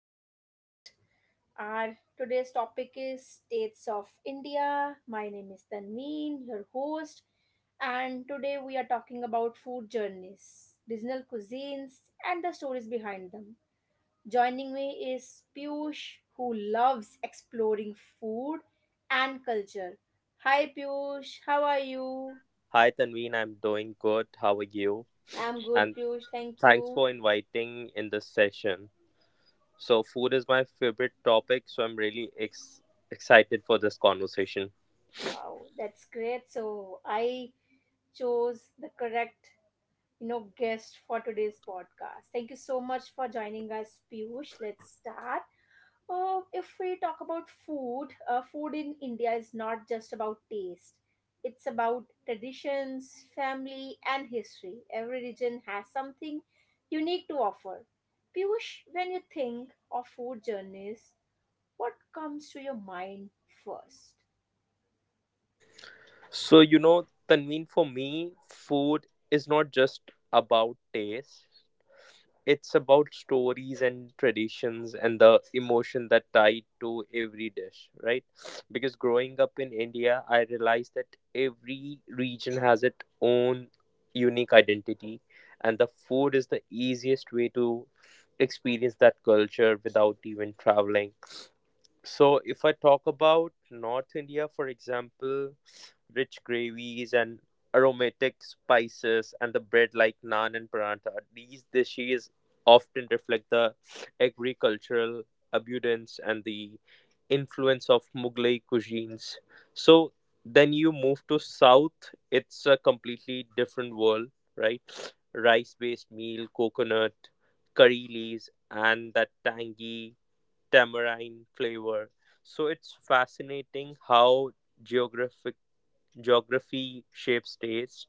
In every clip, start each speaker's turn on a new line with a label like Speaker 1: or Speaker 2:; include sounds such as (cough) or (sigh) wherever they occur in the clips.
Speaker 1: podcast. Our today's topic is states of India. My name is Tanveen, your host, and today we are talking about food journeys, regional cuisines, and the stories behind them. Joining me is Piyush, who loves exploring food and culture. Hi Piyush, how are you?
Speaker 2: Hi Tanveen, I'm doing good. How are you?
Speaker 1: I'm good,
Speaker 2: And
Speaker 1: Piyush. Thank
Speaker 2: thanks
Speaker 1: you.
Speaker 2: for inviting in this session. So, food is my favorite topic, so I'm really excited for this conversation.
Speaker 1: Wow, that's great. So I chose the correct, guest for today's podcast. Thank you so much for joining us, Piyush. Let's start. If we talk about food, food in India is not just about taste. It's about traditions, family, and history. Every region has something unique to offer. Piyush, when you think of food journeys, what comes to your mind first?
Speaker 2: So, Tanveen, for me, food is not just about taste, it's about stories and traditions and the emotion that tied to every dish, right? Because growing up in India, I realized that every region has its own unique identity, and the food is the easiest way to experience that culture without even traveling. So, if I talk about North India, for example, rich gravies and aromatic spices, and the bread like naan and paratha, these dishes often reflect the agricultural abundance and the influence of Mughlai cuisines. So, then you move to South, it's a completely different world, right? Rice based meal, coconut, curry leaves, and that tangy tamarind flavor. So it's fascinating how geographic geography shapes taste.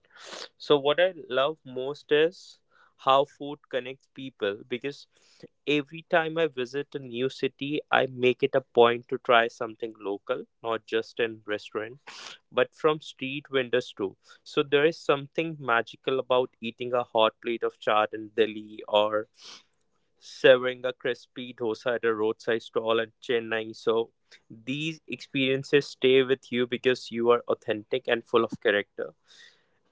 Speaker 2: So what I love most is how food connects people because every time I visit a new city, I make it a point to try something local, not just in restaurant, but from street vendors too. So there is something magical about eating a hot plate of chaat in Delhi or serving a crispy dosa at a roadside stall in Chennai. So these experiences stay with you because you are authentic and full of character.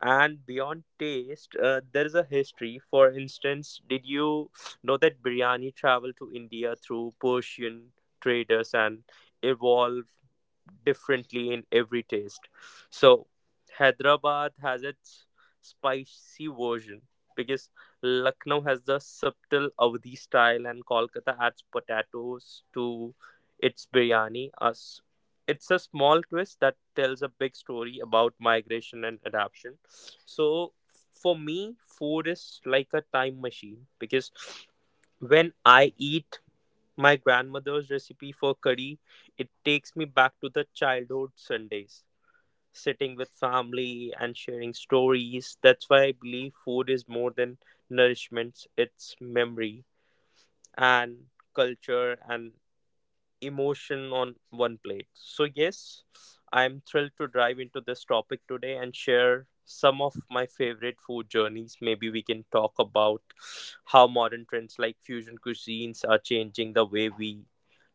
Speaker 2: And beyond taste, there is a history. For instance, did you know that biryani traveled to India through Persian traders and evolved differently in every taste. So Hyderabad has its spicy version because Lucknow has the subtle Avdi style and Kolkata adds potatoes to its biryani. Us, it's a small twist that tells a big story about migration and adaptation. So for me, food is like a time machine because when I eat my grandmother's recipe for curry, it takes me back to the childhood Sundays, sitting with family and sharing stories. That's why I believe food is more than nourishment, it's memory and culture and emotion on one plate. So, yes, I'm thrilled to dive into this topic today and share some of my favorite food journeys. Maybe we can talk about how modern trends like fusion cuisines are changing the way we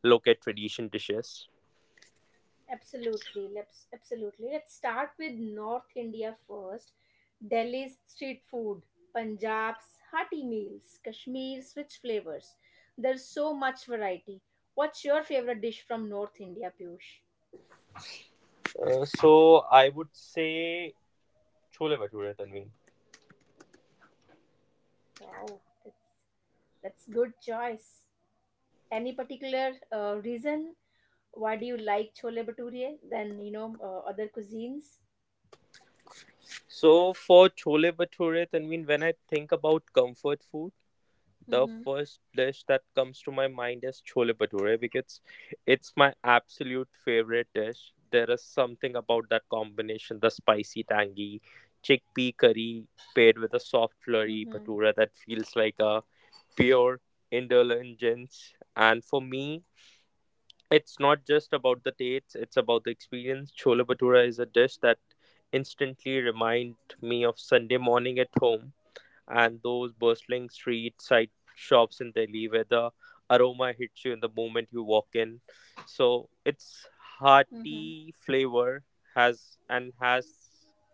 Speaker 2: look at tradition dishes.
Speaker 1: Absolutely. Let's start with North India first. Delhi's street food, Punjab's hearty meals, Kashmir's rich flavors. There's so much variety. What's your favorite dish from North India, Piyush?
Speaker 2: I would say chole bhature, Tanveen.
Speaker 1: Wow, that's good choice. Any particular reason why do you like chole bhature than other cuisines?
Speaker 2: So, for chole bhature, Tanveen, when I think about comfort food, the
Speaker 1: Mm-hmm.
Speaker 2: first dish that comes to my mind is chole bhature because it's my absolute favorite dish. There is something about that combination, the spicy tangy chickpea curry paired with a soft flurry
Speaker 1: Mm-hmm.
Speaker 2: bhatura that feels like a pure indulgence. And for me, it's not just about the taste, it's about the experience. Chole bhatura is a dish that instantly reminds me of Sunday morning at home and those bustling street side shops in Delhi where the aroma hits you in the moment you walk in. So its
Speaker 1: Mm-hmm. (laughs)
Speaker 2: hearty flavor has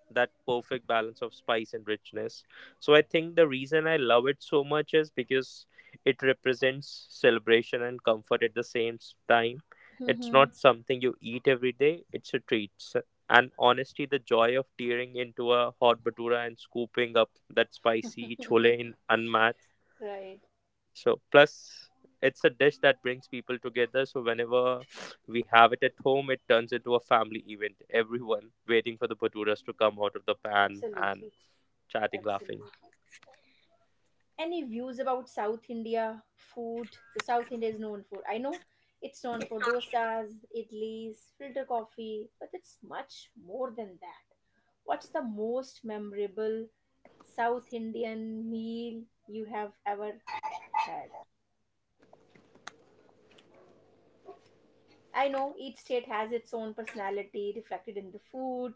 Speaker 2: that perfect balance of spice and richness. So I think the reason I love it so much is because it represents celebration and comfort at the same time. It's
Speaker 1: Mm-hmm.
Speaker 2: not something you eat every day, it's a treat. And honestly, the joy of tearing into a hot batura and scooping up that spicy chole in unmatched.
Speaker 1: Right.
Speaker 2: So, plus, it's a dish that brings people together. So, whenever we have it at home, it turns into a family event. Everyone waiting for the baturas to come out of the pan and
Speaker 1: Absolutely.
Speaker 2: chatting, laughing.
Speaker 1: Absolutely. Any views about South India food? So South India is known for I know it's known for dosas, idlis, filter coffee, but it's much more than that. What's the most memorable South Indian meal you have ever had? I know each state has its own personality reflected in the food.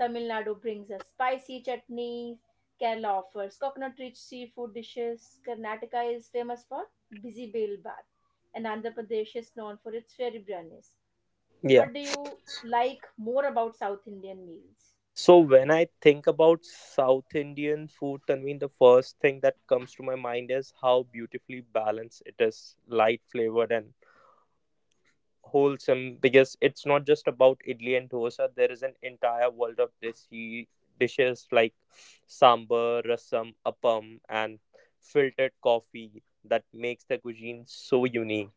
Speaker 1: Tamil Nadu brings us spicy chutneys. Kerala offers coconut rich seafood dishes. Karnataka is famous for busy bale bath. And Andhra Pradesh is known for its fairy biryanis.
Speaker 2: Yeah.
Speaker 1: What do you like more about South Indian meals?
Speaker 2: So when I think about South Indian food, Tanveen, the first thing that comes to my mind is how beautifully balanced it is, light flavored and wholesome because it's not just about idli and dosa. There is an entire world of desi dishes like sambar, rasam, appam, and filtered coffee that makes the cuisine so unique.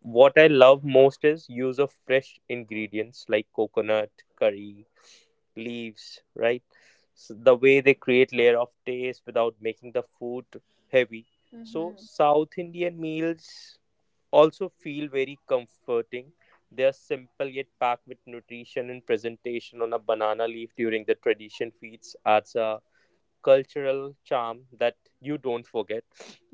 Speaker 2: What I love most is use of fresh ingredients like coconut, curry, leaves, right? So the way they create layer of taste without making the food heavy. So
Speaker 1: Mm-hmm.
Speaker 2: South Indian meals also feel very comforting. They are simple yet packed with nutrition and presentation on a banana leaf during the tradition feasts adds a cultural charm that you don't forget.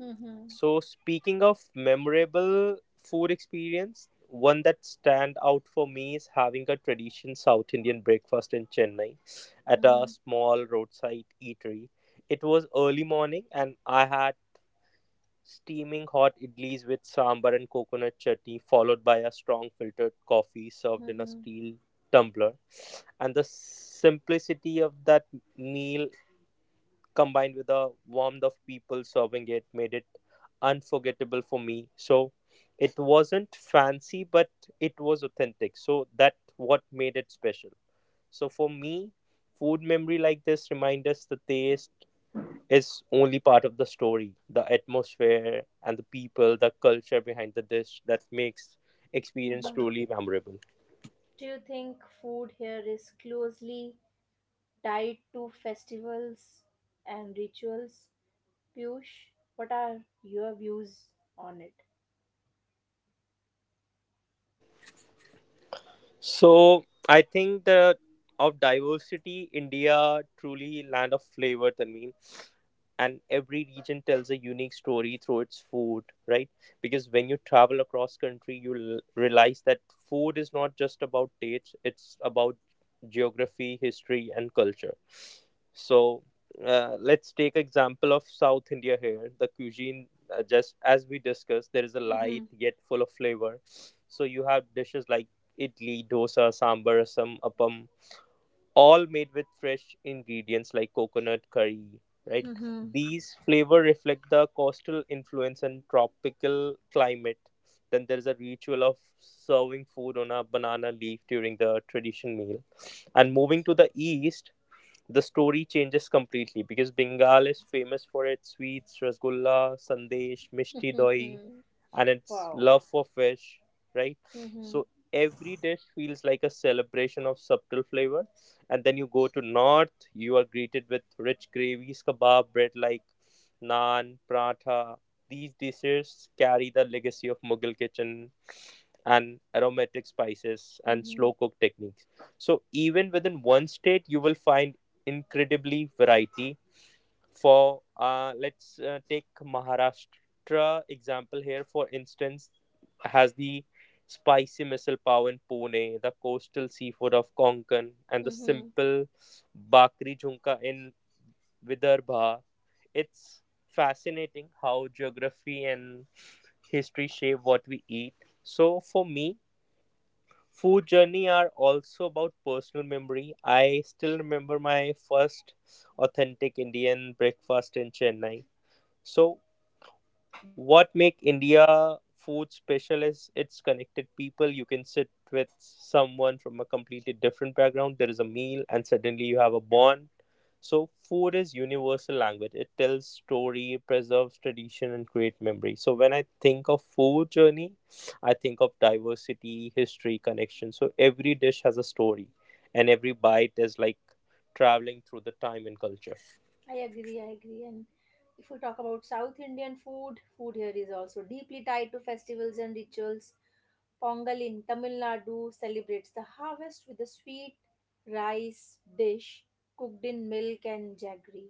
Speaker 1: Mm-hmm.
Speaker 2: So speaking of memorable food experience, one that stand out for me is having a tradition South Indian breakfast in Chennai at a
Speaker 1: Mm-hmm.
Speaker 2: small roadside eatery. It was early morning and I had steaming hot idlis with sambar and coconut chutney, followed by a strong filtered coffee served in a
Speaker 1: Mm-hmm.
Speaker 2: steel tumbler. And the simplicity of that meal, combined with the warmth of people serving it, made it unforgettable for me. So it wasn't fancy, but it was authentic. So that what made it special. So for me, food memory like this remind us the taste is only part of the story, the atmosphere and the people, the culture behind the dish that makes experience
Speaker 1: Mm-hmm.
Speaker 2: truly memorable.
Speaker 1: Do you think food here is closely tied to festivals and rituals? Piyush, what are your views on it?
Speaker 2: So I think the of diversity, India truly land of flavor, Tanveen. And every region tells a unique story through its food, right? Because when you travel across country, you realize that food is not just about dates; it's about geography, history, and culture. So let's take example of South India here. The cuisine, just as we discussed, there is a
Speaker 1: Mm-hmm.
Speaker 2: light yet full of flavor. So you have dishes like idli, dosa, sambar, asam, appam, all made with fresh ingredients like coconut curry, right?
Speaker 1: Mm-hmm.
Speaker 2: These flavor reflect the coastal influence and tropical climate. Then there's a ritual of serving food on a banana leaf during the tradition meal. And moving to the east, the story changes completely because Bengal is famous for its sweets, rasgulla, sandesh, mishti doi,
Speaker 1: (laughs)
Speaker 2: and its
Speaker 1: Wow.
Speaker 2: love for fish, right?
Speaker 1: Mhm.
Speaker 2: So every dish feels like a celebration of subtle flavor. And then you go to north, you are greeted with rich gravies, kebab, bread like naan, paratha. These dishes carry the legacy of Mughal kitchen and aromatic spices and
Speaker 1: Mhm.
Speaker 2: slow cook techniques. So even within one state, you will find incredibly variety. For let's take Maharashtra example here. For instance, has the spicy missile pav in Pune, the coastal seafood of Konkan, and the
Speaker 1: Mhm.
Speaker 2: simple bakri jhunka in Vidarbha. It's fascinating how geography and history shape what we eat. So for me, food journey are also about personal memory. I still remember my first authentic Indian breakfast in Chennai. So, what make India food special is it's connected people. You can sit with someone from a completely different background. There is a meal, and suddenly you have a bond. So, food is universal language. It tells story, preserves tradition, and create memory. So, when I think of food journey, I think of diversity, history, connection. So, every dish has a story, and every bite is like traveling through the time and culture.
Speaker 1: I agree, I agree. And if we talk about South Indian food, food here is also deeply tied to festivals and rituals. Pongal in Tamil Nadu celebrates the harvest with a sweet rice dish cooked in milk and jaggery.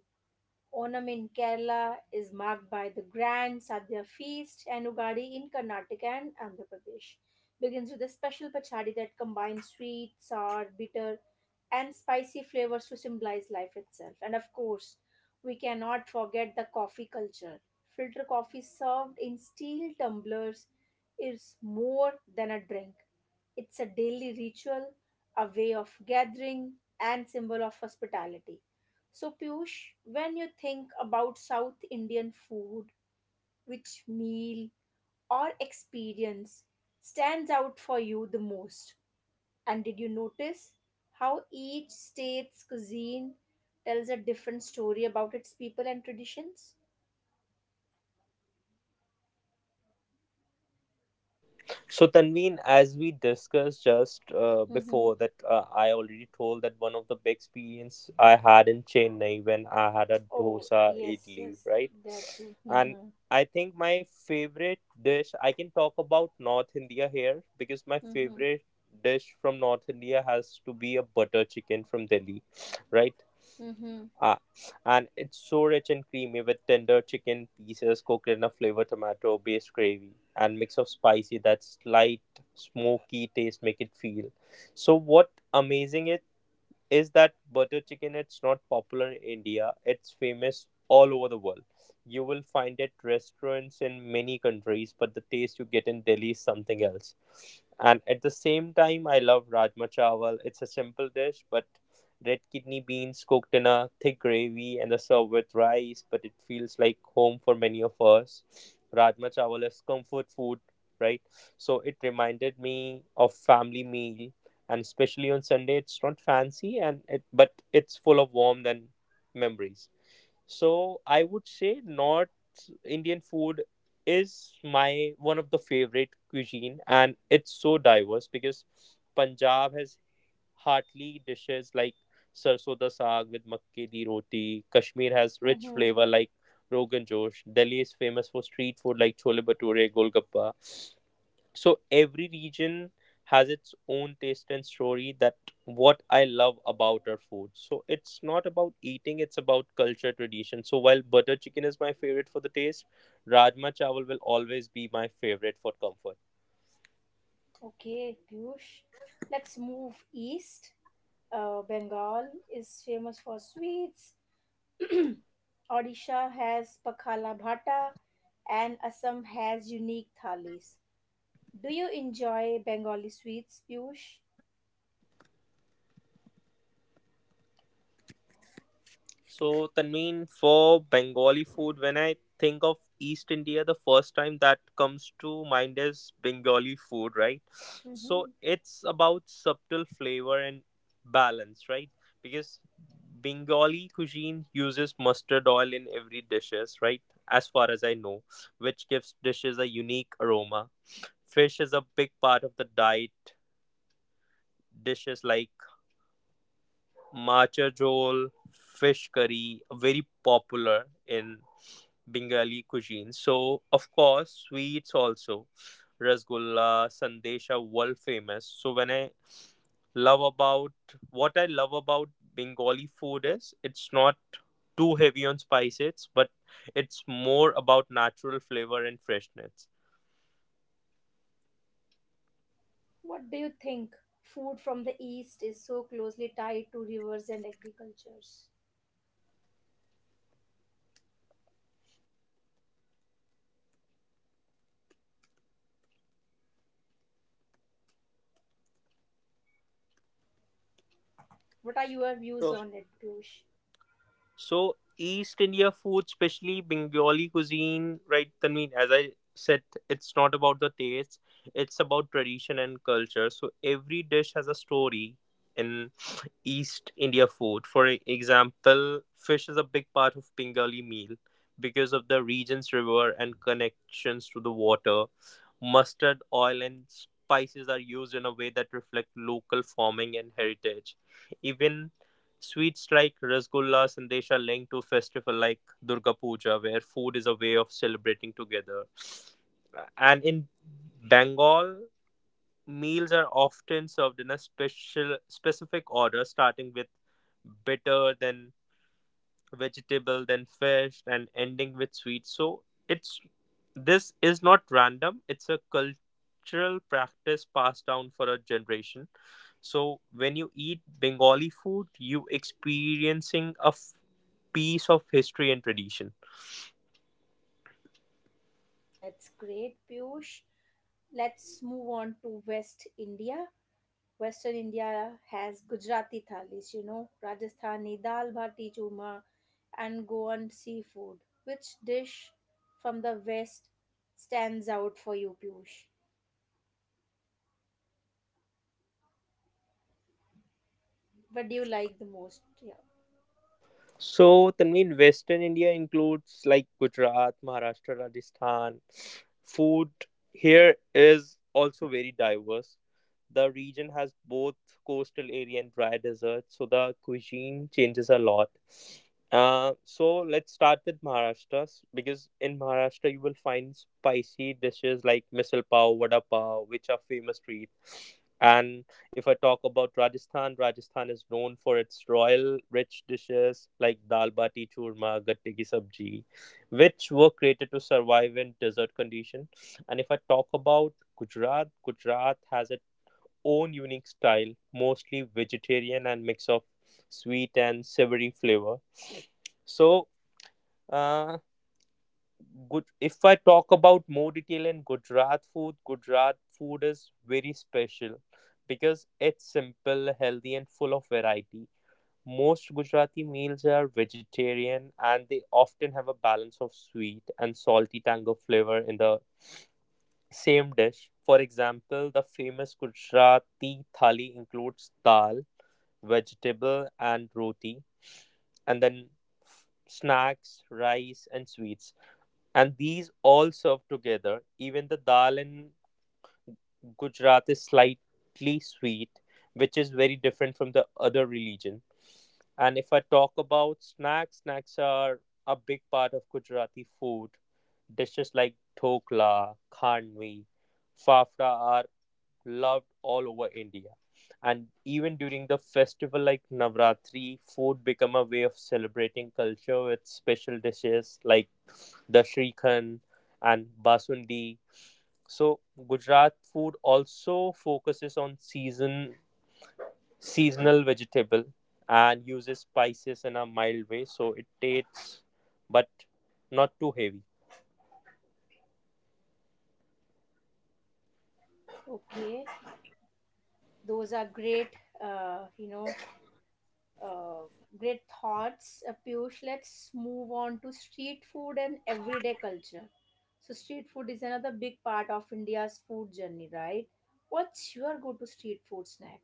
Speaker 1: Onam in Kerala is marked by the grand Sadhya feast, and Ugadi in Karnataka and Andhra Pradesh begins with a special pachadi that combines sweet, sour, bitter, and spicy flavors to symbolize life itself. And of course, we cannot forget the coffee culture. Filter coffee served in steel tumblers is more than a drink. It's a daily ritual, a way of gathering, and symbol of hospitality. So, Piyush, when you think about South Indian food, which meal or experience stands out for you the most? And did you notice how each state's cuisine tells a different story about its people and traditions?
Speaker 2: So, Tanveen, as we discussed just
Speaker 1: Mm-hmm.
Speaker 2: before, that I already told that one of the big experience I had in Chennai when I had a
Speaker 1: Oh,
Speaker 2: dosa
Speaker 1: yes,
Speaker 2: idli,
Speaker 1: yes,
Speaker 2: right?
Speaker 1: that too.
Speaker 2: And
Speaker 1: Mm-hmm.
Speaker 2: I think my favorite dish, I can talk about North India here because my
Speaker 1: Mm-hmm.
Speaker 2: favorite dish from North India has to be a butter chicken from Delhi, right?
Speaker 1: Mm-hmm.
Speaker 2: Ah, and it's so rich and creamy with tender chicken pieces cooked in a flavored tomato-based gravy and mix of spicy that slight smoky taste make it feel. So what amazing is that butter chicken it's not popular in India. It's famous all over the world. You will find it restaurants in many countries, but the taste you get in Delhi is something else. And at the same time, I love rajma chawal. It's a simple dish, but red kidney beans cooked in a thick gravy and the served with rice, but it feels like home for many of us. Rajma chawal is comfort food, right? So it reminded me of family meal and especially on Sunday, it's not fancy and it, but it's full of warmth and memories. So I would say North Indian food is my one of the favorite cuisine, and it's so diverse because Punjab has heartly dishes like sarson da saag with makke di roti. Kashmir has rich
Speaker 1: Hmm.
Speaker 2: flavor like rogan josh. Delhi is famous for street food like chole bhature, golgappa. So every region has its own taste and story. That what I love about our food. So it's not about eating, it's about culture tradition. So while butter chicken is my favorite for the taste, rajma chawal will always be my favorite for comfort.
Speaker 1: Okay, Piyush. Let's move east. Bengal is famous for sweets, Odisha has pakhala Bhata and Assam has unique thalis. Do you enjoy Bengali sweets, Piyush?
Speaker 2: So, Tanveen, for Bengali food, when I think of East India, the first time that comes to mind is Bengali food, right? So,
Speaker 1: Mhm.
Speaker 2: it's about subtle flavor and balance, right? Because Bengali cuisine uses mustard oil in every dishes, right? As far as I know, which gives dishes a unique aroma. Fish is a big part of the diet. Dishes like Macha jol, fish curry, very popular in Bengali cuisine. So, of course, sweets also. Rasgulla, Sandesha, world famous. So, when I love about What I love about Bengali food is it's not too heavy on spices, but it's more about natural flavor and freshness.
Speaker 1: What do you think? Food from the east is so closely tied to rivers and agricultures. What are your views
Speaker 2: So,
Speaker 1: on it, Piyush?
Speaker 2: So, East India food, especially Bengali cuisine, right? Tanveen, as I said, it's not about the taste; it's about tradition and culture. So every dish has a story in (sniffs) East India food. For example, fish is a big part of Bengali meal because of the region's river and connections to the water. Mustard, oil, and spices are used in a way that reflect local farming and heritage. Even sweets like Rasgulla, Sandesh are linked to festival like Durga Puja, where food is a way of celebrating together. And in Bengal, meals are often served in a special specific order, starting with bitter, then vegetable, then fish, and ending with sweets. So it's this is not random. It's a cultural practice passed down for a generation. So when you eat Bengali food, you experiencing a piece of history and tradition.
Speaker 1: That's great, Piyush. Let's move on to West India. Western India has Gujarati thalis, Rajasthani dal bhati churma, and Goan seafood. Which dish from the West stands out for you, Piyush? What do you like the most? Yeah.
Speaker 2: So, Tanveen, Western India includes like Gujarat, Maharashtra, Rajasthan. Food here is also very diverse. The region has both coastal area and dry desert, so the cuisine changes a lot. So let's start with Maharashtra, because in Maharashtra you will find spicy dishes like misal pav, vada pav, which are famous street, and if I talk about Rajasthan, Rajasthan is known for its royal rich dishes like dal bati churma, gatte ki sabji, which were created to survive in desert condition. And if I talk about Gujarat, Gujarat has its own unique style, mostly vegetarian and mix of sweet and savory flavor. So, uh, good. If I talk about more detail in Gujarat food is very special because it's simple, healthy, and full of variety. Most Gujarati meals are vegetarian and they often have a balance of sweet and salty tango flavor in the same dish. For example, the famous Gujarati thali includes dal, vegetable, and roti, and then snacks, rice, and sweets and these all serve together. Even the dal in Gujarat is slightly sweet, which is very different from the other religion. And if I talk about snacks, snacks are a big part of Gujarati food. Dishes like dhokla, khandvi, fafda are loved all over India. And even during the festival like Navratri, food become a way of celebrating culture with special dishes like the Shrikhand, and Basundi. So Gujarat food also focuses on seasonal vegetable and uses spices in a mild way, so it tastes but not too heavy.
Speaker 1: Okay, those are great, uh, you know, uh, great thoughts, Piyush. Let's move on to street food and everyday culture. So, street food is another big part of India's food journey, right? What's your go to street food snack?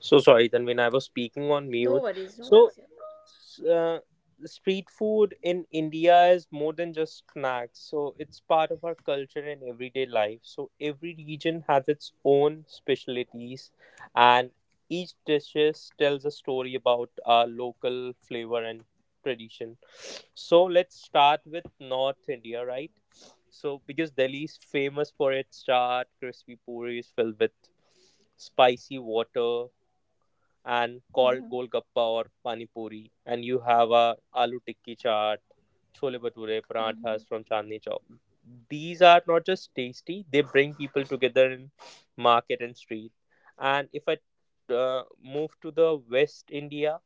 Speaker 2: So sorry, Tanvin, I was speaking on
Speaker 1: No
Speaker 2: mute.
Speaker 1: worries, no
Speaker 2: So,
Speaker 1: worries. Yeah.
Speaker 2: s- uh, street food in India is more than just snacks. So, it's part of our culture and everyday life. So, every region has its own specialties, and each dishes tells a story about our local flavor and tradition. So, let's start with North India, right? So, because Delhi is famous for its chaat, crispy puris filled with spicy water, and called
Speaker 1: Mm-hmm.
Speaker 2: golgappa or pani puri, and you have a aloo tikki chaat, chole bhature,
Speaker 1: Mm-hmm.
Speaker 2: parathas from Chandni Chowk. These are not just tasty, they bring people together in market and street. And if I move to the West India,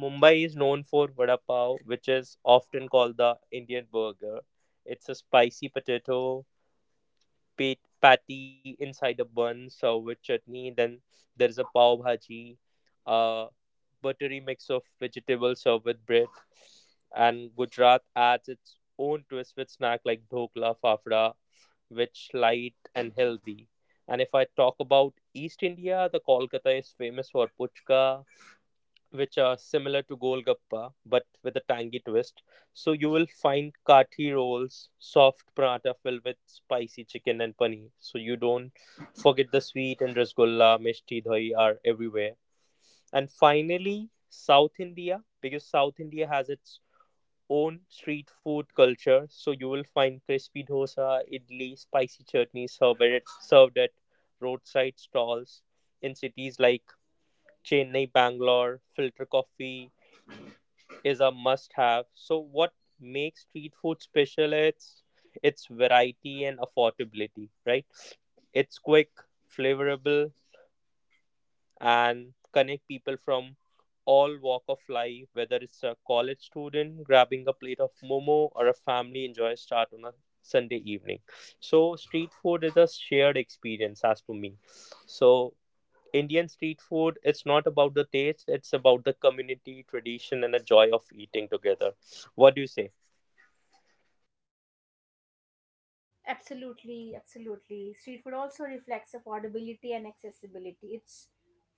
Speaker 2: Mumbai is known for vada pav, which is often called the Indian burger. It's a spicy potato patty inside a bun served with chutney. Then there is a pav bhaji, a buttery mix of vegetables served with bread. And Gujarat adds its own twist with snack like dhokla, fafda, which light and healthy. And if I talk about East India, the Kolkata is famous for puchka, which are similar to golgappa but with a tangy twist. So you will find kathi rolls, soft paratha filled with spicy chicken and paneer. So you don't forget the sweet and rasgulla, mishti, doi are everywhere. And finally, South India, because South India has its own street food culture. So you will find crispy dosa, idli, spicy chutney served at roadside stalls in cities like Chennai, Bangalore. Filter coffee is a must have. So, what makes street food special? It's its variety and affordability, right? It's quick, flavorable, and connect people from all walk of life, whether it's a college student grabbing a plate of momo or a family enjoys start on a Sunday evening. So street food is a shared experience. As for me, so Indian street food, it's not about the taste, it's about the community, tradition, and the joy of eating together. What do you say?
Speaker 1: Absolutely, absolutely. Street food also reflects affordability and accessibility. It's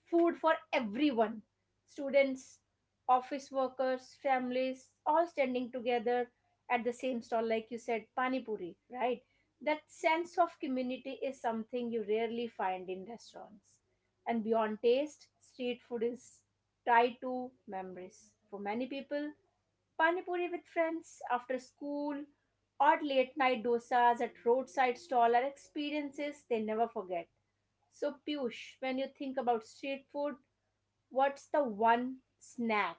Speaker 1: food for everyone students, office workers, families, all standing together at the same stall, like you said, pani puri, right? That sense of community is something you rarely find in restaurants. And beyond taste, street food is tied to memories. For many people, Pani Puri with friends after school, or late night dosas at roadside stall are experiences they never forget. So, Piyush, when you think about street food, what's the one snack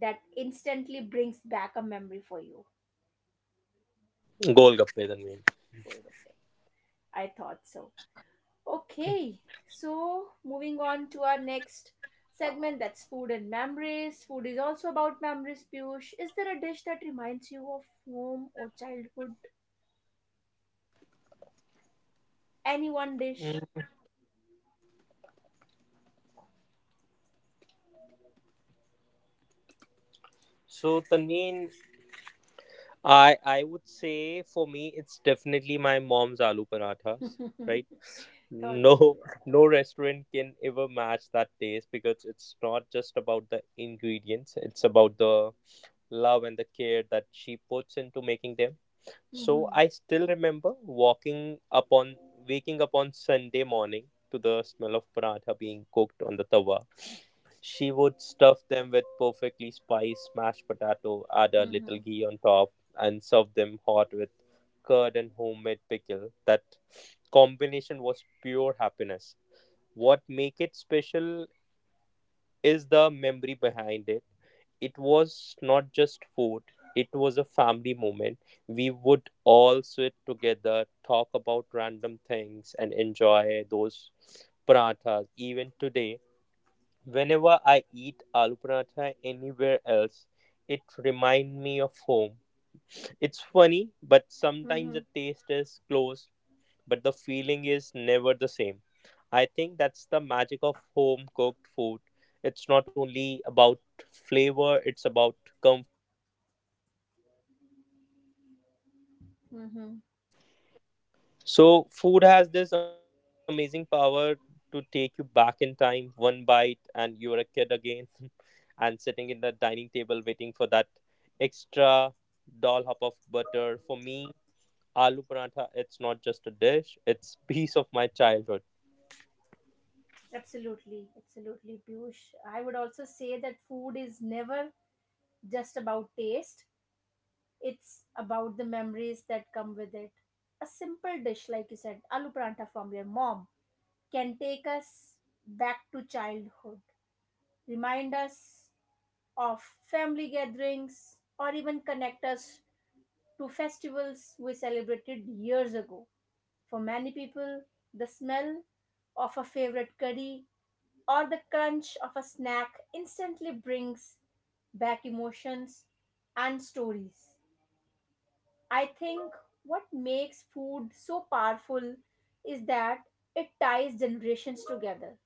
Speaker 1: that instantly brings back a memory for you?
Speaker 2: Golgappe, Tanveen.
Speaker 1: Cold open. I thought so. Okay, so moving on to our next segment that's food and memories. Food is also about memories, Piyush. Is there a dish that reminds you of home or childhood? Any one dish? (laughs)
Speaker 2: Mm. So Tanveen, I would say for me it's definitely my mom's aloo parathas, right?
Speaker 1: Thought
Speaker 2: No,
Speaker 1: so,
Speaker 2: (laughs)
Speaker 1: yeah.
Speaker 2: no restaurant can ever match that taste because it's not just about the ingredients, it's about the love and the care that she puts into making them. So
Speaker 1: Mhm.
Speaker 2: I still remember walking upon waking up on Sunday morning to the smell of paratha being cooked on the tawa. She would stuff them with perfectly spiced mashed potato, add a
Speaker 1: Mm-hmm.
Speaker 2: little ghee on top, and serve them hot with curd and homemade pickle. That combination was pure happiness. What make it special is the memory behind it. It was not just food, it was a family moment. We would all sit together, talk about random things, and enjoy those parathas. Even today, whenever I eat aloo paratha anywhere else, it reminds me of home. It's funny, but sometimes
Speaker 1: Mm-hmm.
Speaker 2: the taste is close but the feeling is never the same. I think that's the magic of home cooked food. It's not only about flavor, it's about comfort.
Speaker 1: Mm-hmm.
Speaker 2: So, food has this amazing power to take you back in time, one bite, and you're a kid again, (laughs) and sitting in the dining table waiting for that extra dollop of butter. For me, aloo paratha, it's not just a dish, it's (laughs) piece of my childhood.
Speaker 1: Absolutely. Absolutely, Piyush. I would also say that food is never just about taste, it's about the memories that come with it. A simple dish, like you said, aloo pranta from your mom, can take us back to childhood, remind us of family gatherings, or even connect us to festivals we celebrated years ago. For many people, the smell of a favorite curry or the crunch of a snack instantly brings back emotions and stories. I think what makes food so powerful is that it ties generations together.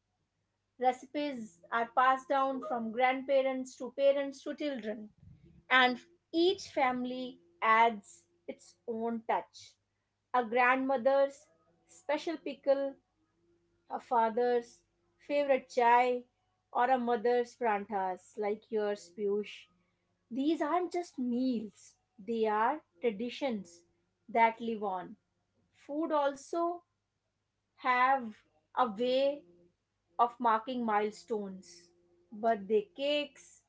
Speaker 1: Recipes are passed down from grandparents to parents to children, and each family adds its own touch. A grandmother's special pickle, a father's favorite chai, or a mother's prantas like yours, Piyush. These aren't just meals, they are traditions that live on. Food also have a way of marking milestones. Birthday cakes,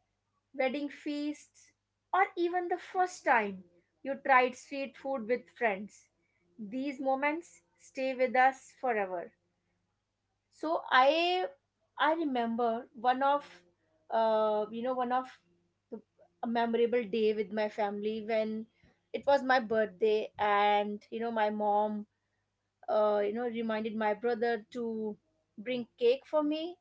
Speaker 1: wedding feasts, or even the first time you tried street food with friends. These moments stay with us forever. So I remember one of uh, you know one of the, a memorable day with my family when it was my birthday and my mom reminded my brother to bring cake for me.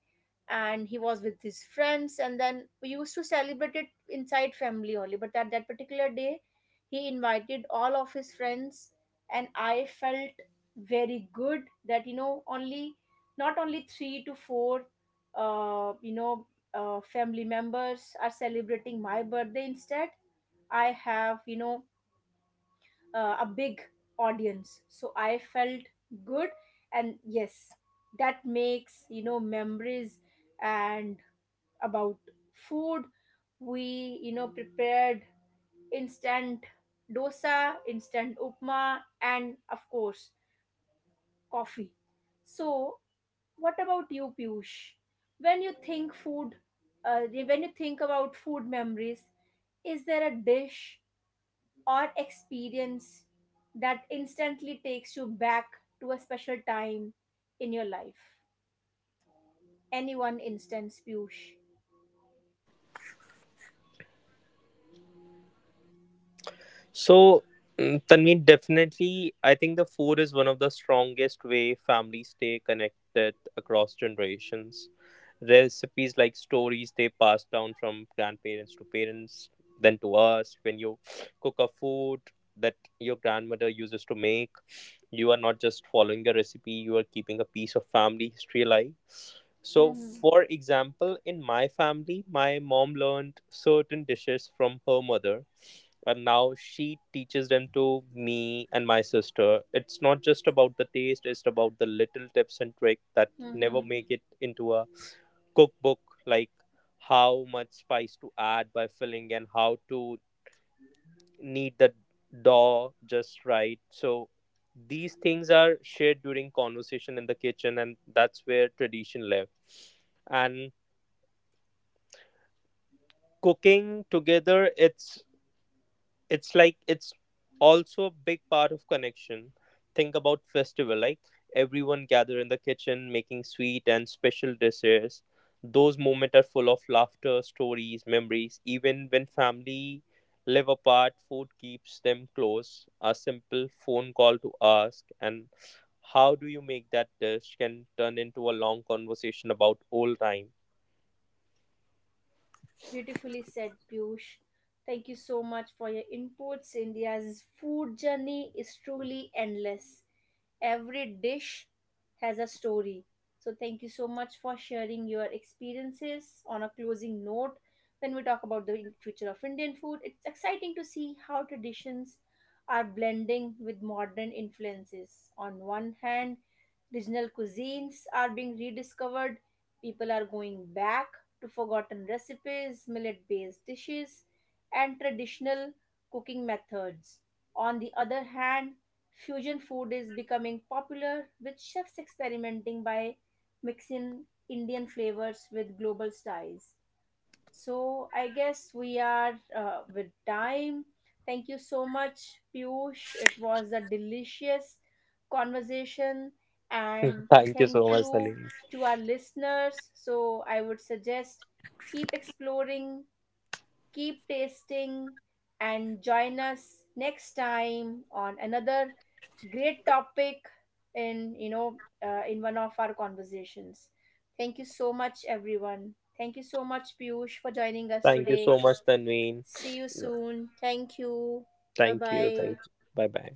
Speaker 1: And he was with his friends, and then we used to celebrate it inside family only. But at that particular day, he invited all of his friends, and I felt very good that only not only three to four, uh, you know, family members are celebrating my birthday instead. I have, a big audience, so I felt good. And yes, that makes, memories. And about food, we, prepared instant dosa, instant upma, and of course coffee. So what about you, Piyush? When you think food, uh, when you think about food memories, is there a dish or experience that instantly takes you back to a special time in your life. Any one instance, Piyush.
Speaker 2: So, Tanvi, definitely, I think the food is one of the strongest way families stay connected across generations. Recipes like stories they pass down from grandparents to parents, then to us. When you cook food that your grandmother uses to make, you are not just following a recipe, you are keeping a piece of family history alive. So
Speaker 1: Hmm.
Speaker 2: for example, in my family, my mom learned certain dishes from her mother, and now she teaches them to me and my sister. It's not just about the taste, it's about the little tips and tricks that never
Speaker 1: Hmm.
Speaker 2: make it into a cookbook, like how much spice to add by filling and how to need the dough just right. So these things are shared during conversation in the kitchen, and that's where tradition live. And cooking together, it's like it's also a big part of connection. Think about festival like everyone gather in the kitchen making sweet and special dishes. Those moments are full of laughter, stories, memories. Even when family live apart, food keeps them close. A simple phone call to ask and how do you make that dish can turn into a long conversation about old time.
Speaker 1: Beautifully said, Piyush. Thank you so much for your inputs. India's food journey is truly endless. Every dish has a story. So, thank you so much for sharing your experiences on a closing note. When we talk about the future of Indian food, it's exciting to see how traditions are blending with modern influences. On one hand, regional cuisines are being rediscovered, people are going back to forgotten recipes, millet based dishes, and traditional cooking methods. On the other hand, fusion food is becoming popular, with chefs experimenting by mixing Indian flavors with global styles. So, I guess we are with time. Thank you so much, Piyush. It was a delicious conversation, and
Speaker 2: (laughs) Thank you so
Speaker 1: thank
Speaker 2: much,
Speaker 1: you
Speaker 2: Salim.
Speaker 1: to our listeners. So, I would suggest keep exploring, keep tasting, and join us next time on another great topic in in one of our conversations. Thank you so much, everyone. Thank you so much, Piyush, for joining us
Speaker 2: Thank you
Speaker 1: today.
Speaker 2: so much, Tanveen.
Speaker 1: See you
Speaker 2: Yeah.
Speaker 1: soon. Thank you. Bye
Speaker 2: thank you thank
Speaker 1: bye.
Speaker 2: you Bye bye.